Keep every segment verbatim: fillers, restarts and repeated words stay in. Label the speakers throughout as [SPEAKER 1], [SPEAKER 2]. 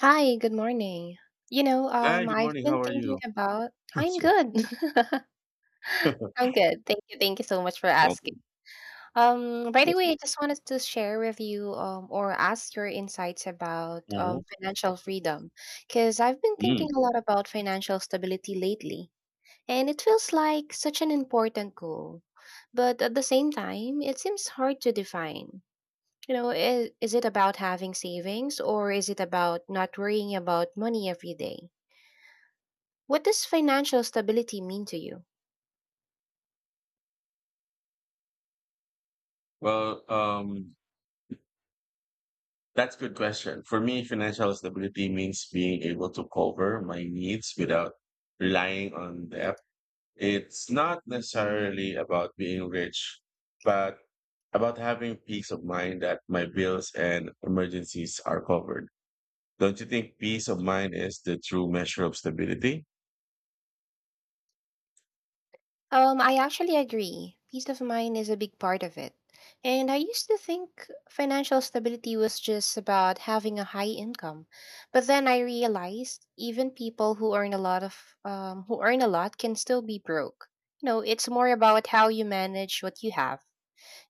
[SPEAKER 1] Hi, good morning. You know,
[SPEAKER 2] Hi,
[SPEAKER 1] um,
[SPEAKER 2] good
[SPEAKER 1] I've
[SPEAKER 2] morning.
[SPEAKER 1] been
[SPEAKER 2] How are
[SPEAKER 1] thinking
[SPEAKER 2] you?
[SPEAKER 1] about I'm good. I'm good. Thank you. Thank you so much for
[SPEAKER 2] Okay,
[SPEAKER 1] asking. Um, by the
[SPEAKER 2] that's
[SPEAKER 1] way,
[SPEAKER 2] good.
[SPEAKER 1] I just wanted to share with you um or ask your insights about
[SPEAKER 2] Mhm.
[SPEAKER 1] um financial freedom because I've been thinking
[SPEAKER 2] Mm.
[SPEAKER 1] a lot about financial stability lately, and it feels like such an important goal. But at the same time, it seems hard to define. You know, is, is it about having savings or is it about not worrying about money every day? What does financial stability mean to you?
[SPEAKER 2] Well, um, that's a good question. For me, financial stability means being able to cover my needs without relying on debt. It's not necessarily about being rich, but about having peace of mind that my bills and emergencies are covered. Don't you think peace of mind is the true measure of stability?
[SPEAKER 1] Um, I actually agree. Peace of mind is a big part of it. And I used to think financial stability was just about having a high income. But then I realized even people who earn a lot of um, who earn a lot can still be broke. You know, it's more about how you manage what you have.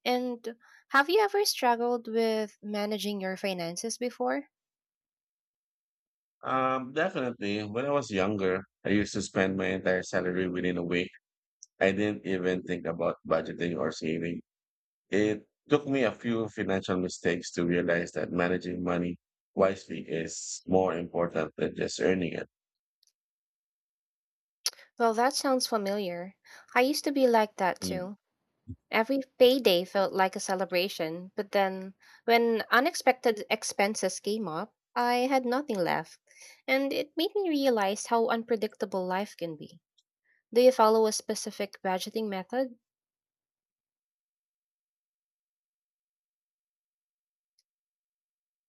[SPEAKER 1] And have you ever struggled with managing your finances before?
[SPEAKER 2] Um, definitely. When I was younger, I used to spend my entire salary within a week. I didn't even think about budgeting or saving. It took me a few financial mistakes to realize that managing money wisely is more important than just earning it.
[SPEAKER 1] Well, that sounds familiar. I used to be like that
[SPEAKER 2] Hmm.
[SPEAKER 1] too. Every payday felt like a celebration, but then when unexpected expenses came up, I had nothing left, and it made me realize how unpredictable life can be. Do you follow a specific budgeting method?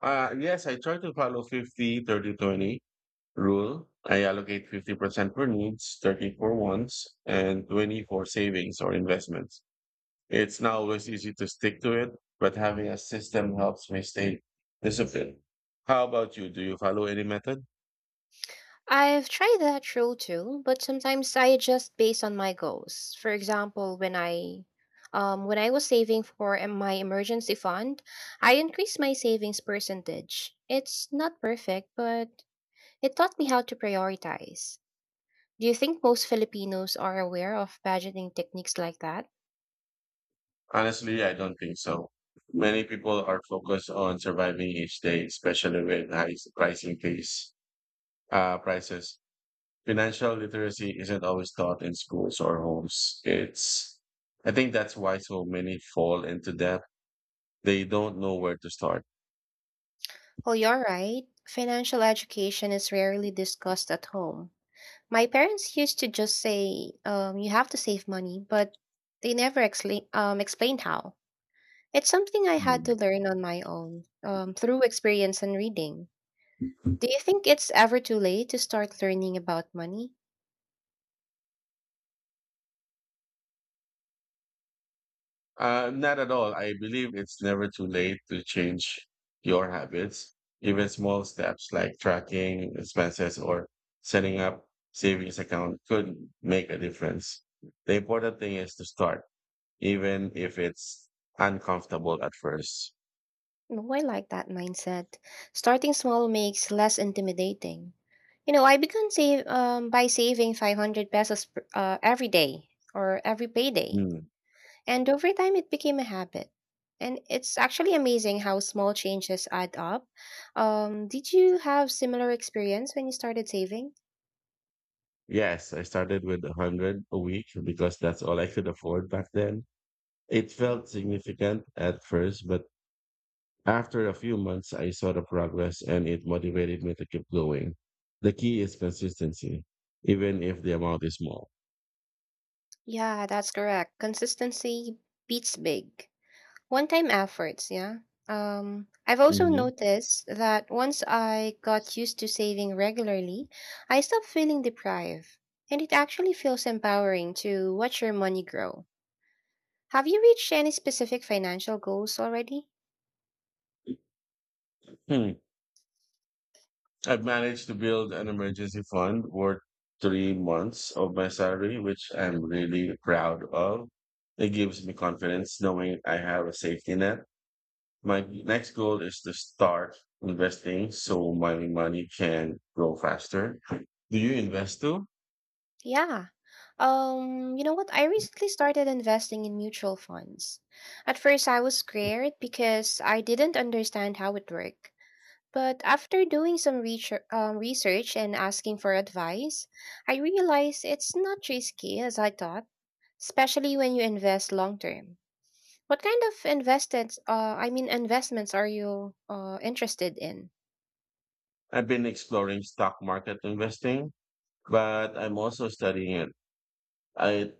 [SPEAKER 2] Uh, yes, I try to follow fifty thirty twenty rule. I allocate fifty percent for needs, thirty for wants, and twenty for savings or investments. It's not always easy to stick to it, but having a system helps me stay disciplined. How about you? Do you follow any method?
[SPEAKER 1] I've tried that rule too, but sometimes I adjust based on my goals. For example, when I um, when I was saving for em- my emergency fund, I increased my savings percentage. It's not perfect, but it taught me how to prioritize. Do you think most Filipinos are aware of budgeting techniques like that?
[SPEAKER 2] Honestly, I don't think so. Many people are focused on surviving each day, especially with high pricing case, uh, prices. Financial literacy isn't always taught in schools or homes. It's, I think that's why so many fall into debt. They don't know where to start.
[SPEAKER 1] Well, you're right. Financial education is rarely discussed at home. My parents used to just say, um, you have to save money, but they never explain, um, explained how. It's something I had to
[SPEAKER 2] Mm.
[SPEAKER 1] learn on my own, um, through experience and reading. Do you think it's ever too late to start learning about money?
[SPEAKER 2] Uh, not at all. I believe it's never too late to change your habits. Even small steps like tracking expenses or setting up savings account could make a difference. The important thing is to start, even if it's uncomfortable at first.
[SPEAKER 1] No, I like that mindset. Starting small makes less intimidating. You know, I began save um, by saving five hundred pesos per- uh, every day or every payday. And over time, it became a habit. And it's actually amazing how small changes add up. Um, did you have similar experience when you started saving?
[SPEAKER 2] Yes, I started with a hundred a week because that's all I could afford back then. It felt significant at first, but after a few months, I saw the progress and it motivated me to keep going. The key is consistency, even if the amount is small.
[SPEAKER 1] Yeah, that's correct. Consistency beats big. One-time efforts, yeah. Um, I've also
[SPEAKER 2] Hmm.
[SPEAKER 1] noticed that once I got used to saving regularly, I stopped feeling deprived, and it actually feels empowering to watch your money grow. Have you reached any specific financial goals already?
[SPEAKER 2] Hmm. I've managed to build an emergency fund worth three months of my salary, which I'm really proud of. It gives me confidence knowing I have a safety net. My next goal is to start investing so my money can grow faster. Do you invest too?
[SPEAKER 1] Yeah. Um, you know what? I recently started investing in mutual funds. At first, I was scared because I didn't understand how it worked. But after doing some research, um, research and asking for advice, I realized it's not risky as I thought, especially when you invest long term. What kind of invested, uh, I mean, investments are you uh, interested in?
[SPEAKER 2] I've been exploring stock market investing, but I'm also studying it. I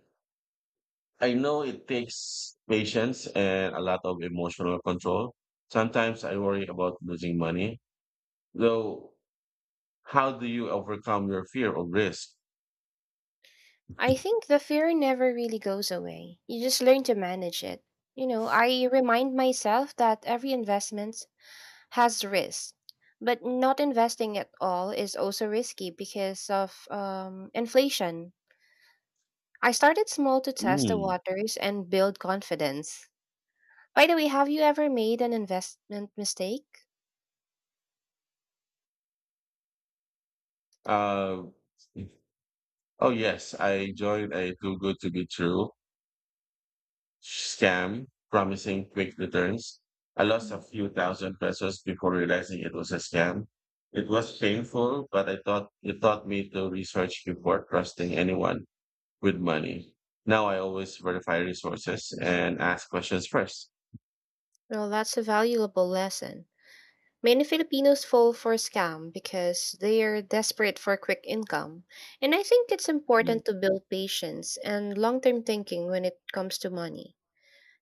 [SPEAKER 2] I know it takes patience and a lot of emotional control. Sometimes I worry about losing money. Though, how do you overcome your fear of risk?
[SPEAKER 1] I think the fear never really goes away. You just learn to manage it. You know, I remind myself that every investment has risk, but not investing at all is also risky because of um, inflation. I started small to test the
[SPEAKER 2] Mm.
[SPEAKER 1] waters and build confidence. By the way, have you ever made an investment mistake?
[SPEAKER 2] Uh, oh yes, I joined a Too Good to Be True scam promising quick returns. I lost a
[SPEAKER 1] Mm.
[SPEAKER 2] few thousand pesos before realizing it was a scam. It was painful, but I thought it taught me to research before trusting anyone with money. Now I always verify resources and ask questions first.
[SPEAKER 1] Well, that's a valuable lesson. Many Filipinos fall for scam because they are desperate for quick income. And I think it's
[SPEAKER 2] Mm.
[SPEAKER 1] important to build patience and long term thinking when it comes to money.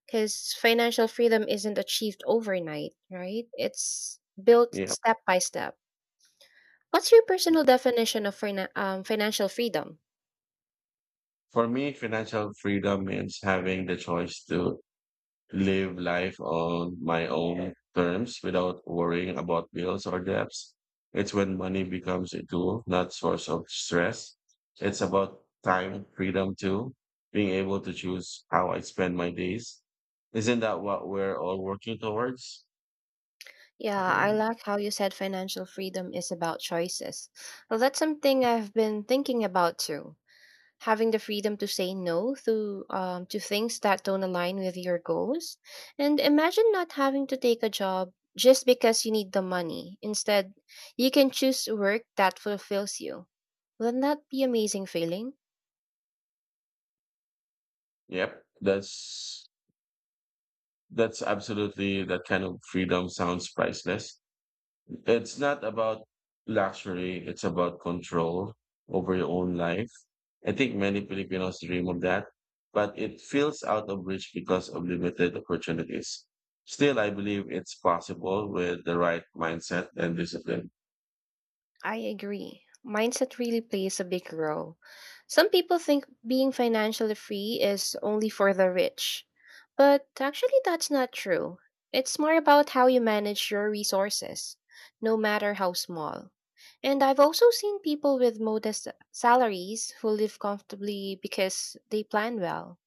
[SPEAKER 1] Because financial freedom isn't achieved overnight, right? It's built
[SPEAKER 2] Yeah.
[SPEAKER 1] step by step. What's your personal definition of fina- um, financial freedom?
[SPEAKER 2] For me, financial freedom means having the choice to live life on my own terms without worrying about bills or debts. It's when money becomes a tool, not source of stress. It's about time freedom too, being able to choose how I spend my days. Isn't that what we're all working towards?
[SPEAKER 1] Yeah, I like how you said financial freedom is about choices. Well, that's something I've been thinking about too. Having the freedom to say no to um, to things that don't align with your goals, and imagine not having to take a job just because you need the money. Instead you can choose work that fulfills you. Wouldn't that be amazing feeling?
[SPEAKER 2] Yep, that's that's absolutely that kind of freedom sounds priceless. It's not about luxury, it's about control over your own life. I think many Filipinos dream of that, but it feels out of reach because of limited opportunities. Still, I believe it's possible with the right mindset and discipline.
[SPEAKER 1] I agree. Mindset really plays a big role. Some people think being financially free is only for the rich, but actually, that's not true. It's more about how you manage your resources, no matter how small. And I've also seen people with modest salaries who live comfortably because they plan well.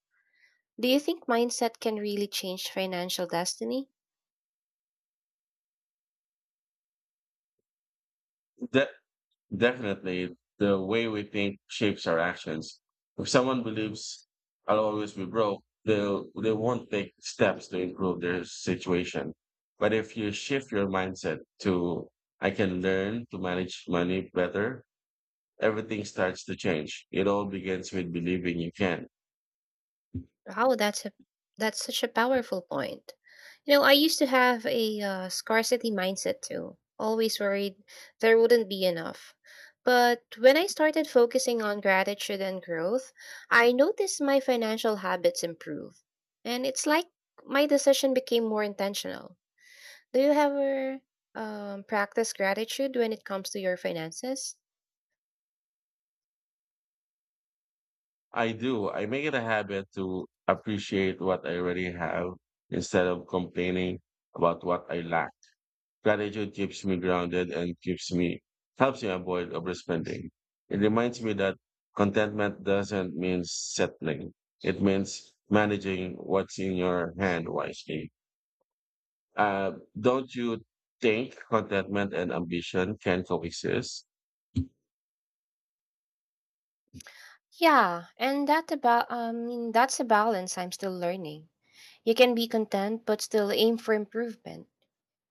[SPEAKER 1] Do you think mindset can really change financial destiny?
[SPEAKER 2] That Definitely, the way we think shapes our actions. If someone believes I'll always be broke, they'll they won't take steps to improve their situation. But if you shift your mindset to I can learn to manage money better, everything starts to change. It all begins with believing you can.
[SPEAKER 1] Wow, that's a that's such a powerful point. You know, I used to have a uh, scarcity mindset too, always worried there wouldn't be enough. But when I started focusing on gratitude and growth, I noticed my financial habits improve. And it's like my decision became more intentional. Do you ever um, practice gratitude when it comes to your finances?
[SPEAKER 2] I do. I make it a habit to appreciate what I already have instead of complaining about what I lack. Gratitude keeps me grounded and keeps me helps me avoid overspending. It reminds me that contentment doesn't mean settling. It means managing what's in your hand wisely. Uh, don't you think contentment and ambition can coexist?
[SPEAKER 1] Yeah, and that about um that's a balance I'm still learning. You can be content but still aim for improvement.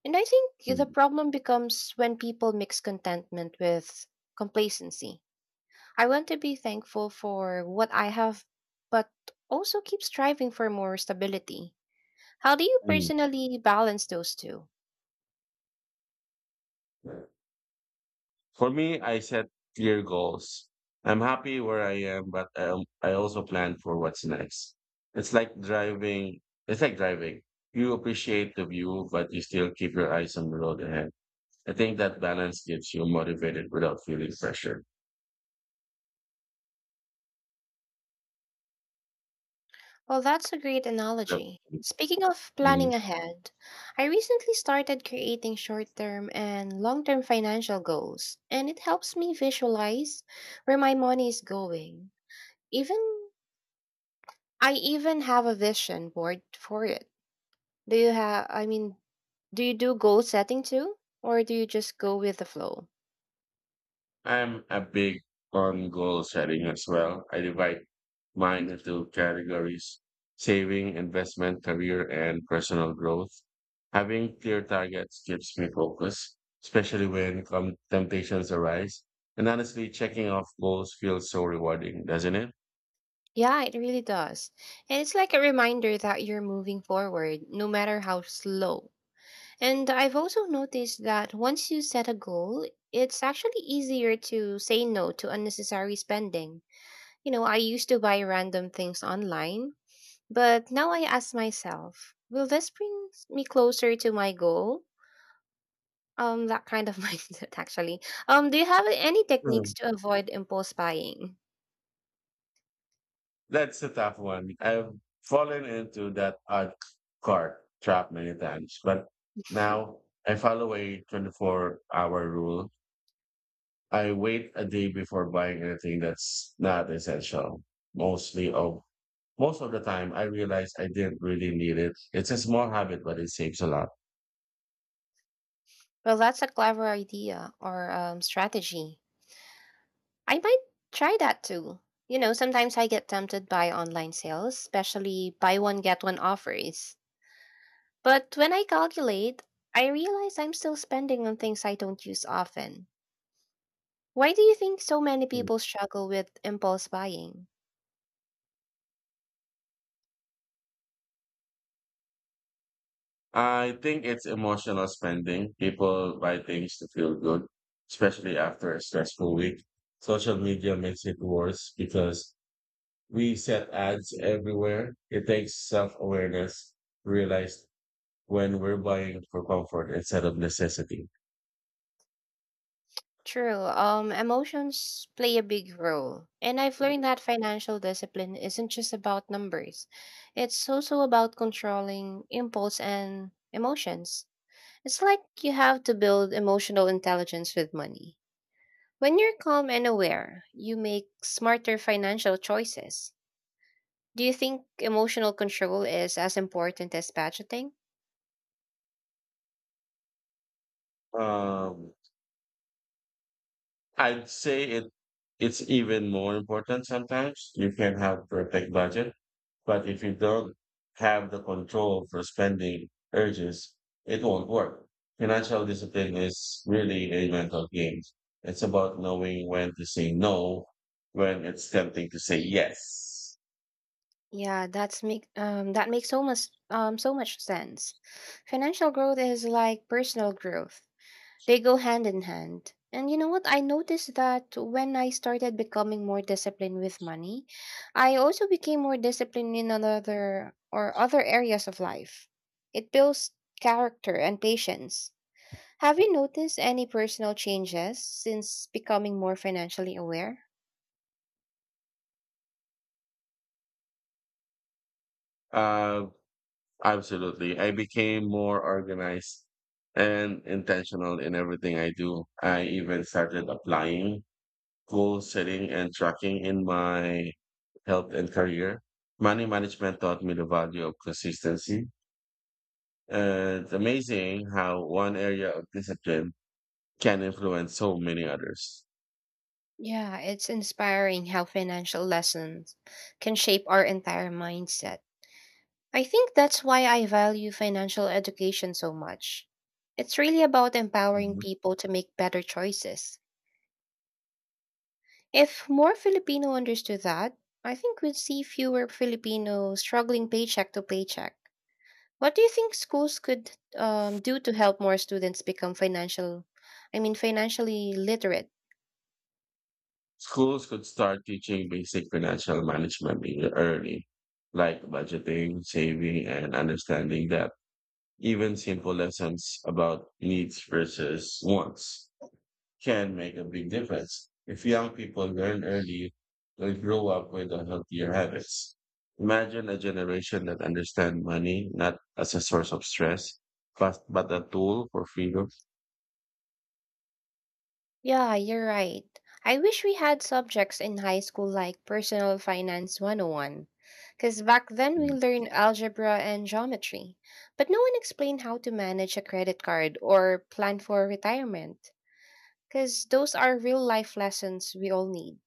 [SPEAKER 1] And I think the
[SPEAKER 2] Mm,
[SPEAKER 1] problem becomes when people mix contentment with complacency. I want to be thankful for what I have, but also keep striving for more stability. How do you
[SPEAKER 2] mm.
[SPEAKER 1] personally balance those two?
[SPEAKER 2] For me, I set clear goals. I'm happy where I am, but I, al- I also plan for what's next. It's like driving. It's like driving. You appreciate the view, but you still keep your eyes on the road ahead. I think that balance keeps you motivated without feeling pressure.
[SPEAKER 1] Well, that's a great
[SPEAKER 2] Yep.
[SPEAKER 1] analogy. Speaking of
[SPEAKER 2] Mm-hmm.
[SPEAKER 1] planning ahead, I recently started creating short term and long term financial goals, and it helps me visualize where my money is going. Even I even have a vision board for it. Do you have, I mean, Do you do goal setting too? Or do you just go with the flow?
[SPEAKER 2] I'm a big on goal setting as well. I divide mine into categories: saving, investment, career, and personal growth. Having clear targets keeps me focused, especially when com- temptations arise. And honestly, checking off goals feels so rewarding, doesn't it?
[SPEAKER 1] Yeah, it really does. And it's like a reminder that you're moving forward, no matter how slow. And I've also noticed that once you set a goal, it's actually easier to say no to unnecessary spending. You know, I used to buy random things online, but now I ask myself, will this bring me closer to my goal? Um, that kind of mindset, actually. Um, do you have any techniques
[SPEAKER 2] Mm.
[SPEAKER 1] to avoid impulse buying?
[SPEAKER 2] That's a tough one. I've fallen into that odd cart trap many times, but now I follow a twenty-four hour rule. I wait a day before buying anything that's not essential. Mostly of most of the time I realize I didn't really need it. It's a small habit, but it saves a lot.
[SPEAKER 1] Well, that's a clever idea or um, strategy. I might try that too. You know, sometimes I get tempted by online sales, especially buy one, get one offers. But when I calculate, I realize I'm still spending on things I don't use often. Why do you think so many
[SPEAKER 2] Mm.
[SPEAKER 1] people struggle with impulse buying?
[SPEAKER 2] I think it's emotional spending. People buy things to feel good, especially after a stressful week. Social media makes it worse because we set ads everywhere. It takes self awareness to realize when we're buying for comfort instead of necessity.
[SPEAKER 1] True. Um, emotions play a big role. And I've learned
[SPEAKER 2] Mhm.
[SPEAKER 1] that financial discipline isn't just about numbers. It's also about controlling impulse and emotions. It's like you have to build emotional intelligence with money. When you're calm and aware, you make smarter financial choices. Do you think emotional control is as important as budgeting?
[SPEAKER 2] Um, I'd say it it's even more important sometimes. You can have perfect budget, but if you don't have the control for spending urges, it won't work. Financial discipline is really a mental game. It's about knowing when to say no, when it's tempting to say yes.
[SPEAKER 1] Yeah, that's make um that makes so much um so much sense. Financial growth is like personal growth. They go hand in hand. And you know what? I noticed that when I started becoming more disciplined with money, I also became more disciplined in another or other areas of life. It builds character and patience. Have you noticed any personal changes since becoming more financially aware?
[SPEAKER 2] Uh, absolutely. I became more organized and intentional in everything I do. I even started applying goal setting and tracking in my health and career. Money management taught me the value of consistency. And it's amazing how one area of discipline can influence so many others.
[SPEAKER 1] Yeah, it's inspiring how financial lessons can shape our entire mindset. I think that's why I value financial education so much. It's really about empowering
[SPEAKER 2] Mhm.
[SPEAKER 1] people to make better choices. If more Filipino understood that, I think we'd see fewer Filipinos struggling paycheck to paycheck. What do you think schools could um, do to help more students become financial, I mean, financially literate?
[SPEAKER 2] Schools could start teaching basic financial management even early, like budgeting, saving, and understanding that even simple lessons about needs versus wants can make a big difference. If young people learn early, they'll grow up with a healthier habits. Imagine a generation that understands money not as a source of stress, but, but a tool for freedom.
[SPEAKER 1] Yeah, you're right. I wish we had subjects in high school like Personal Finance one oh one, because back then we
[SPEAKER 2] Mm.
[SPEAKER 1] learned algebra and geometry, but no one explained how to manage a credit card or plan for retirement, because those are real life lessons we all need.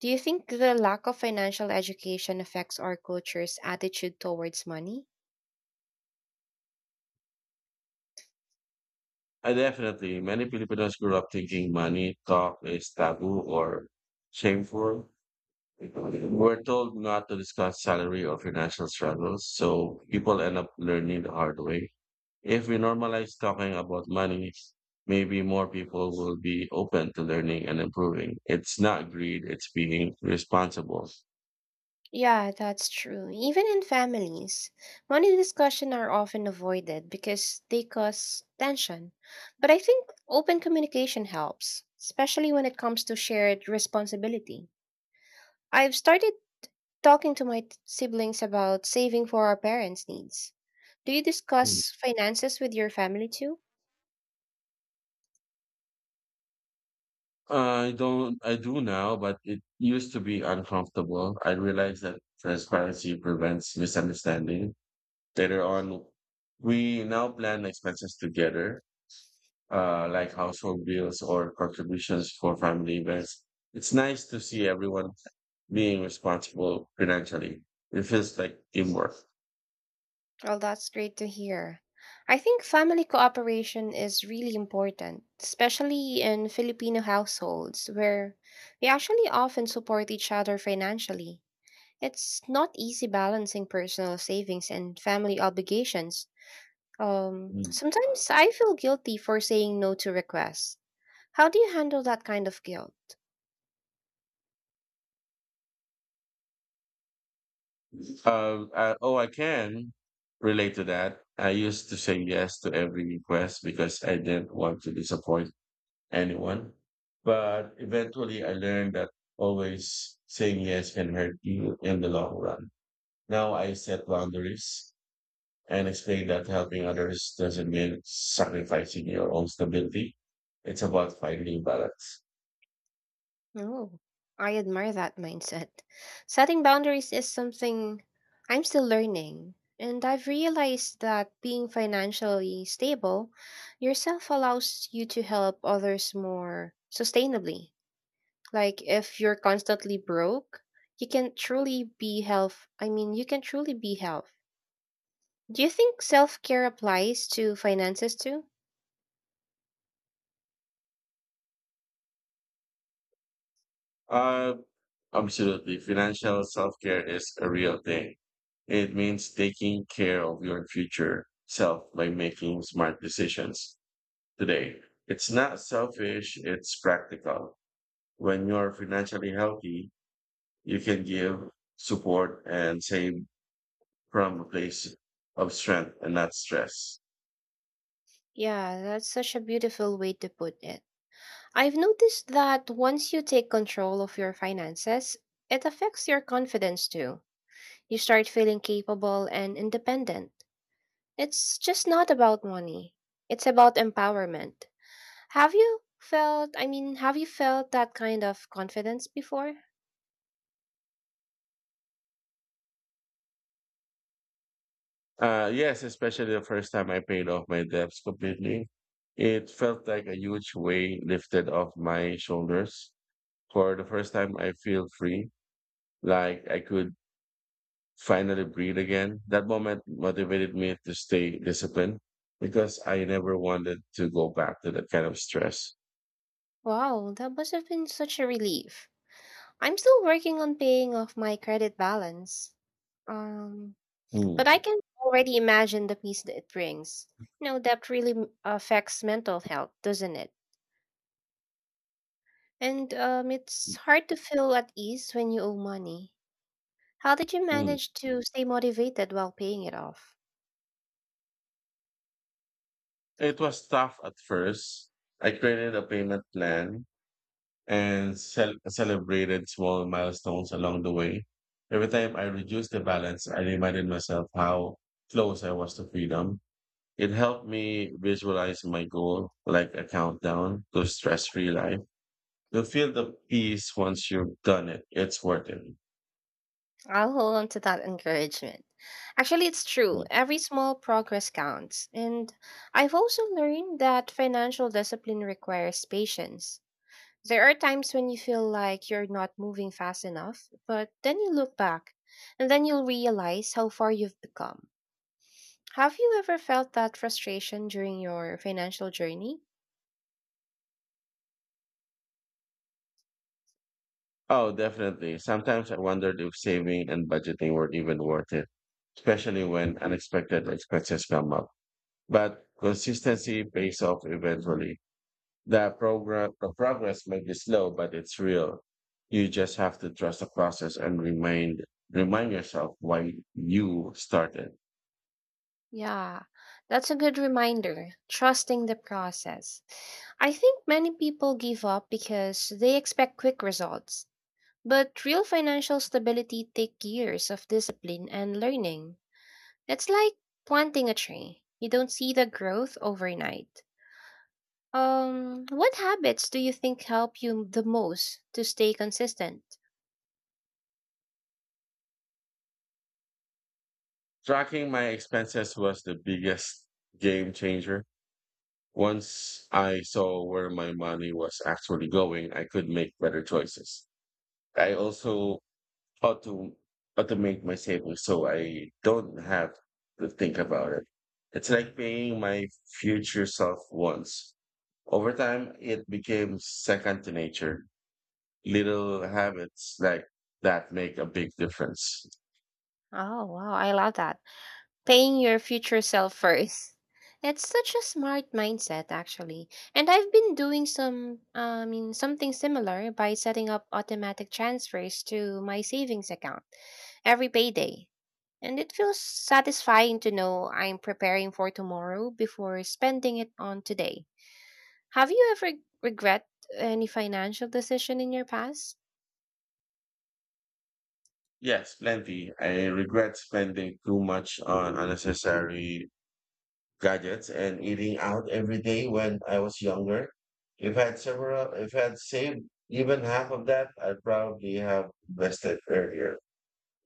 [SPEAKER 1] Do you think the lack of financial education affects our culture's attitude towards money?
[SPEAKER 2] I definitely, many Filipinos grew up thinking money talk is taboo or shameful. We're told not to discuss salary or financial struggles, so people end up learning the hard way. If we normalize talking about money, maybe more people will be open to learning and improving. It's not greed, it's being responsible.
[SPEAKER 1] Yeah, that's true. Even in families, money discussions are often avoided because they cause tension. But I think open communication helps, especially when it comes to shared responsibility. I've started talking to my t- siblings about saving for our parents' needs. Do you
[SPEAKER 2] Mm.
[SPEAKER 1] discuss finances with your family too?
[SPEAKER 2] I don't, I do now, but it used to be uncomfortable. I realized that transparency prevents misunderstanding. Later on, we now plan expenses together, uh, like household bills or contributions for family events. It's nice to see everyone being responsible financially. It feels like teamwork.
[SPEAKER 1] Well, that's great to hear. I think family cooperation is really important, especially in Filipino households where we actually often support each other financially. It's not easy balancing personal savings and family obligations. Um,
[SPEAKER 2] Mm.
[SPEAKER 1] sometimes I feel guilty for saying no to requests. How do you handle that kind of guilt?
[SPEAKER 2] Um, I, oh, I can relate to that. I used to say yes to every request because I didn't want to disappoint anyone. But eventually I learned that always saying yes can hurt you in the long run. Now I set boundaries and explain that helping others doesn't mean sacrificing your own stability. It's about finding balance.
[SPEAKER 1] No, I admire that mindset. Setting boundaries is something I'm still learning, and I've realized that being financially stable yourself allows you to help others more sustainably. Like if you're constantly broke, you can truly be health. I mean, you can truly be health. Do you think self-care applies to finances too?
[SPEAKER 2] Uh, absolutely. Financial self care is a real thing. It means taking care of your future self by making smart decisions today. It's not selfish, it's practical. When you're financially healthy, you can give support and save from a place of strength and not stress.
[SPEAKER 1] Yeah, that's such a beautiful way to put it. I've noticed that once you take control of your finances, it affects your confidence too. You start feeling capable and independent. It's just not about money, it's about empowerment. Have you felt, I mean, have you felt that kind of confidence before?
[SPEAKER 2] Uh, yes, especially the first time I paid off my debts completely. It felt like a huge weight lifted off my shoulders. For the first time, I feel free, like I could finally breathe again. That moment motivated me to stay disciplined because I never wanted to go back to that kind of stress.
[SPEAKER 1] Wow, that must have been such a relief. I'm still working on paying off my credit balance. Um,
[SPEAKER 2] Hmm.
[SPEAKER 1] But I can already imagine the peace that it brings. You know, that really m- affects mental health, doesn't it? And um, It's hard to feel at ease when you owe money. How did you
[SPEAKER 2] Hmm.
[SPEAKER 1] manage to stay motivated while paying it off?
[SPEAKER 2] It was tough at first. I created a payment plan and cel- celebrated small milestones along the way. Every time I reduced the balance, I reminded myself how close I was to freedom. It helped me visualize my goal like a countdown to stress free life. You feel the peace once you've done it. It's worth it.
[SPEAKER 1] I'll hold on to that encouragement. Actually, it's true. Every small progress counts. And I've also learned that financial discipline requires patience. There are times when you feel like you're not moving fast enough, but then you look back and then you'll realize how far you've become. Have you ever felt that frustration during your financial journey?
[SPEAKER 2] Oh, definitely. Sometimes I wondered if saving and budgeting were even worth it, especially when unexpected expenses come up. But consistency pays off eventually. The program, the progress may be slow, but it's real. You just have to trust the process and remind remind yourself why you started.
[SPEAKER 1] Yeah, that's a good reminder. Trusting the process. I think many people give up because they expect quick results. But real financial stability takes years of discipline and learning. It's like planting a tree. You don't see the growth overnight. Um, what habits do you think help you the most to stay consistent?
[SPEAKER 2] Tracking my expenses was the biggest game changer. Once I saw where my money was actually going, I could make better choices. I also how to automate my savings so I don't have to think about it. It's like paying my future self once. Over time, it became second to nature. Little habits like that make a big difference.
[SPEAKER 1] Oh, wow, I love that. Paying your future self first. It's such a smart mindset actually. And I've been doing some I mean something similar by setting up automatic transfers to my savings account every payday. And it feels satisfying to know I'm preparing for tomorrow before spending it on today. Have you ever regret any financial decision in your past?
[SPEAKER 2] Yes, plenty. I regret spending too much on unnecessary gadgets and eating out every day when I was younger. If I had several, if I had saved even half of that, I'd probably have invested earlier.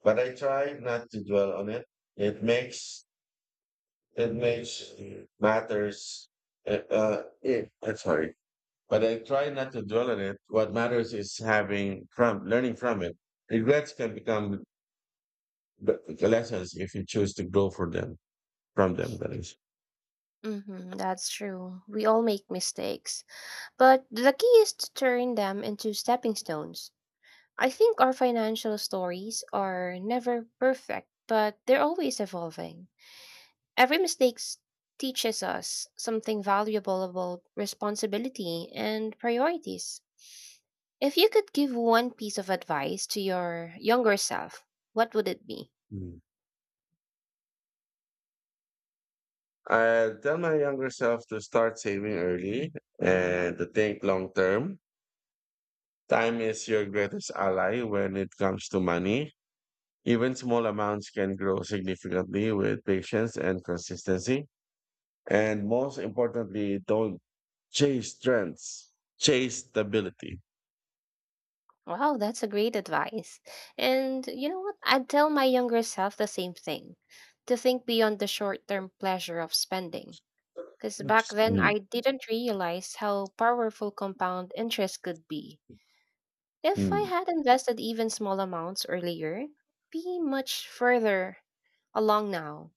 [SPEAKER 2] But I try not to dwell on it. It makes it makes matters. Uh, uh, it, uh, sorry, But I try not to dwell on it. What matters is having from learning from it. Regrets can become b- lessons if you choose to grow for them from them. That is.
[SPEAKER 1] Hmm, that's true. We all make mistakes, but the key is to turn them into stepping stones. I think our financial stories are never perfect, but they're always evolving. Every mistake s- Teaches us something valuable about responsibility and priorities. If you could give one piece of advice to your younger self, what would it be?
[SPEAKER 2] Mm. I tell my younger self to start saving early and to think long term. Time is your greatest ally when it comes to money. Even small amounts can grow significantly with patience and consistency. And most importantly, don't chase trends, chase stability.
[SPEAKER 1] Wow, that's a great advice. And you know what? I'd tell my younger self the same thing to think beyond the short term pleasure of spending. Because back then,
[SPEAKER 2] Mm,
[SPEAKER 1] I didn't realize how powerful compound interest could be. If I
[SPEAKER 2] mm.
[SPEAKER 1] had invested even small amounts earlier, be much further along now.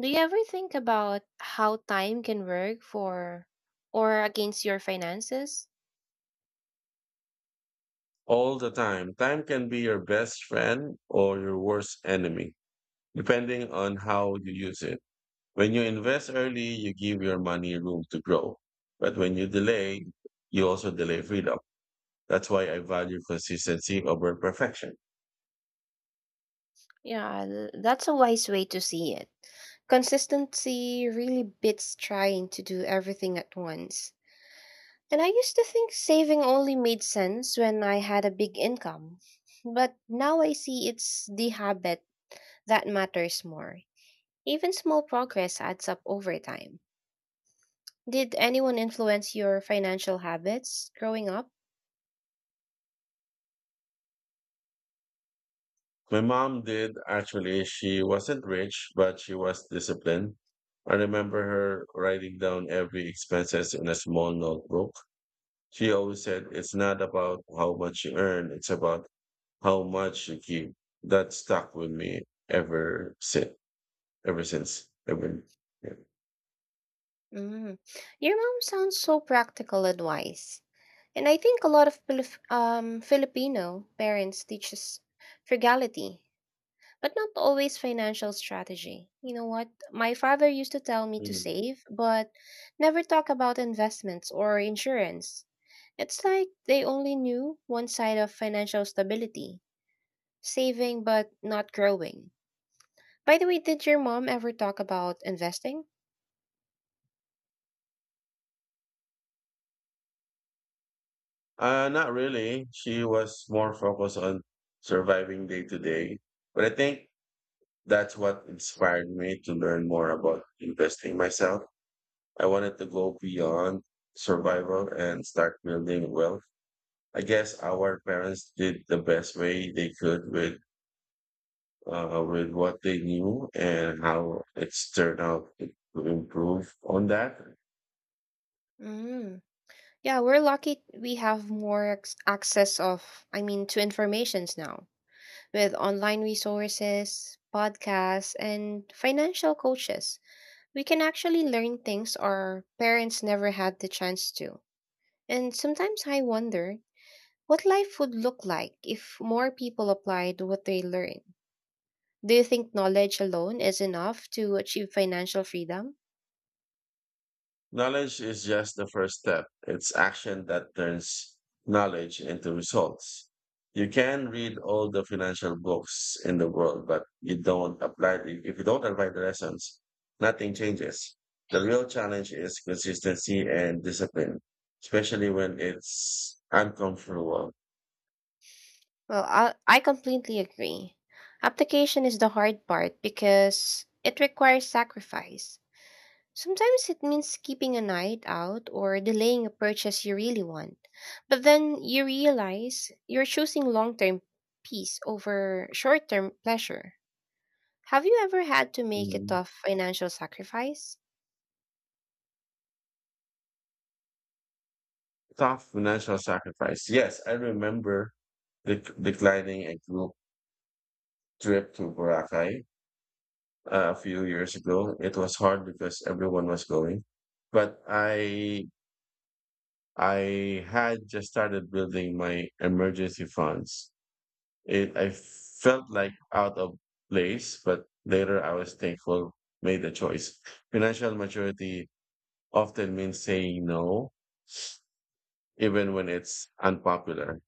[SPEAKER 1] Do you ever think about how time can work for or against your finances?
[SPEAKER 2] All the time. Time can be your best friend or your worst enemy, depending on how you use it. When you invest early, you give your money room to grow. But when you delay, you also delay freedom. That's why I value consistency over perfection.
[SPEAKER 1] Yeah, th- that's a wise way to see it. Consistency really beats trying to do everything at once. And I used to think saving only made sense when I had a big income. But now I see it's the habit that matters more. Even small progress adds up over time. Did anyone influence your financial habits growing up?
[SPEAKER 2] My mom did actually. She wasn't rich, but she was disciplined. I remember her writing down every expenses in a small notebook. She always said it's not about how much you earn, it's about how much you keep. That stuck with me ever since. Ever since. Ever. Yeah.
[SPEAKER 1] Mm. Your mom sounds so practical and wise. And I think a lot of Pilif- um, Filipino parents teach us frugality but not always financial strategy. You know what? My father used to tell me to
[SPEAKER 2] Mm.
[SPEAKER 1] save, but never talk about investments or insurance. It's like they only knew one side of financial stability saving but not growing. By the way, did your mom ever talk about investing?
[SPEAKER 2] Uh, not really. She was more focused on surviving day to day. But I think that's what inspired me to learn more about investing myself. I wanted to go beyond survival and start building wealth. I guess our parents did the best way they could with uh, with what they knew and how it's turned out to improve on that.
[SPEAKER 1] Mm. Yeah, we're lucky we have more ex- access of, I mean, to informations now with online resources, podcasts, and financial coaches. We can actually learn things our parents never had the chance to. And sometimes I wonder what life would look like if more people applied what they learn. Do you think knowledge alone is enough to achieve financial freedom?
[SPEAKER 2] Knowledge is just the first step. It's action that turns knowledge into results. You can read all the financial books in the world, but you don't apply if you don't apply the lessons, nothing changes. The real challenge is consistency and discipline, especially when it's uncomfortable.
[SPEAKER 1] Well, I, I completely agree. Application is the hard part because it requires sacrifice. Sometimes it means keeping a night out or delaying a purchase you really want. But then you realize you're choosing long term peace over short term pleasure. Have you ever had to make a
[SPEAKER 2] Mhm.
[SPEAKER 1] tough financial sacrifice?
[SPEAKER 2] Tough financial sacrifice. Yes, I remember dec- declining a group trip to Boracay uh, a few years ago. It was hard because everyone was going, but I I had just started building my emergency funds. It I felt like out of place, but later I was thankful made the choice. Financial maturity often means saying no, even when it's unpopular.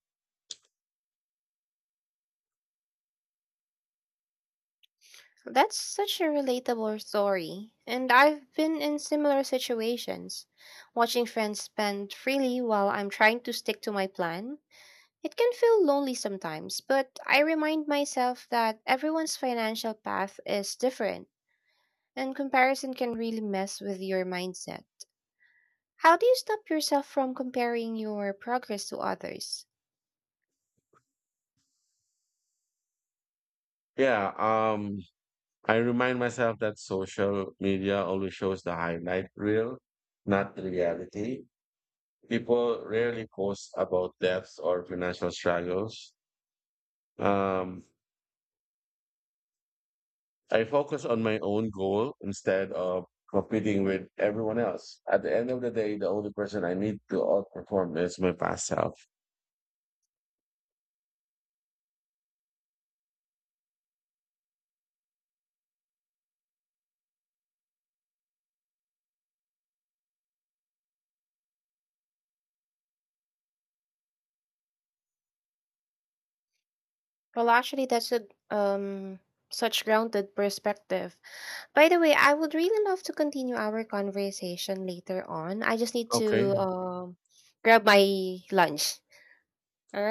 [SPEAKER 1] That's such a relatable story, and I've been in similar situations. Watching friends spend freely while I'm trying to stick to my plan. It can feel lonely sometimes, but I remind myself that everyone's financial path is different. And comparison can really mess with your mindset. How do you stop yourself from comparing your progress to others?
[SPEAKER 2] Yeah, um, I remind myself that social media only shows the highlight reel, not the reality. People rarely post about debts or financial struggles. Um, I focus on my own goal instead of competing with everyone else. At the end of the day, the only person I need to outperform is my past self.
[SPEAKER 1] Well, actually, that's a um such grounded perspective. By the way, I would really love to continue our conversation later on. I just need to
[SPEAKER 2] Okay.
[SPEAKER 1] um grab my lunch. All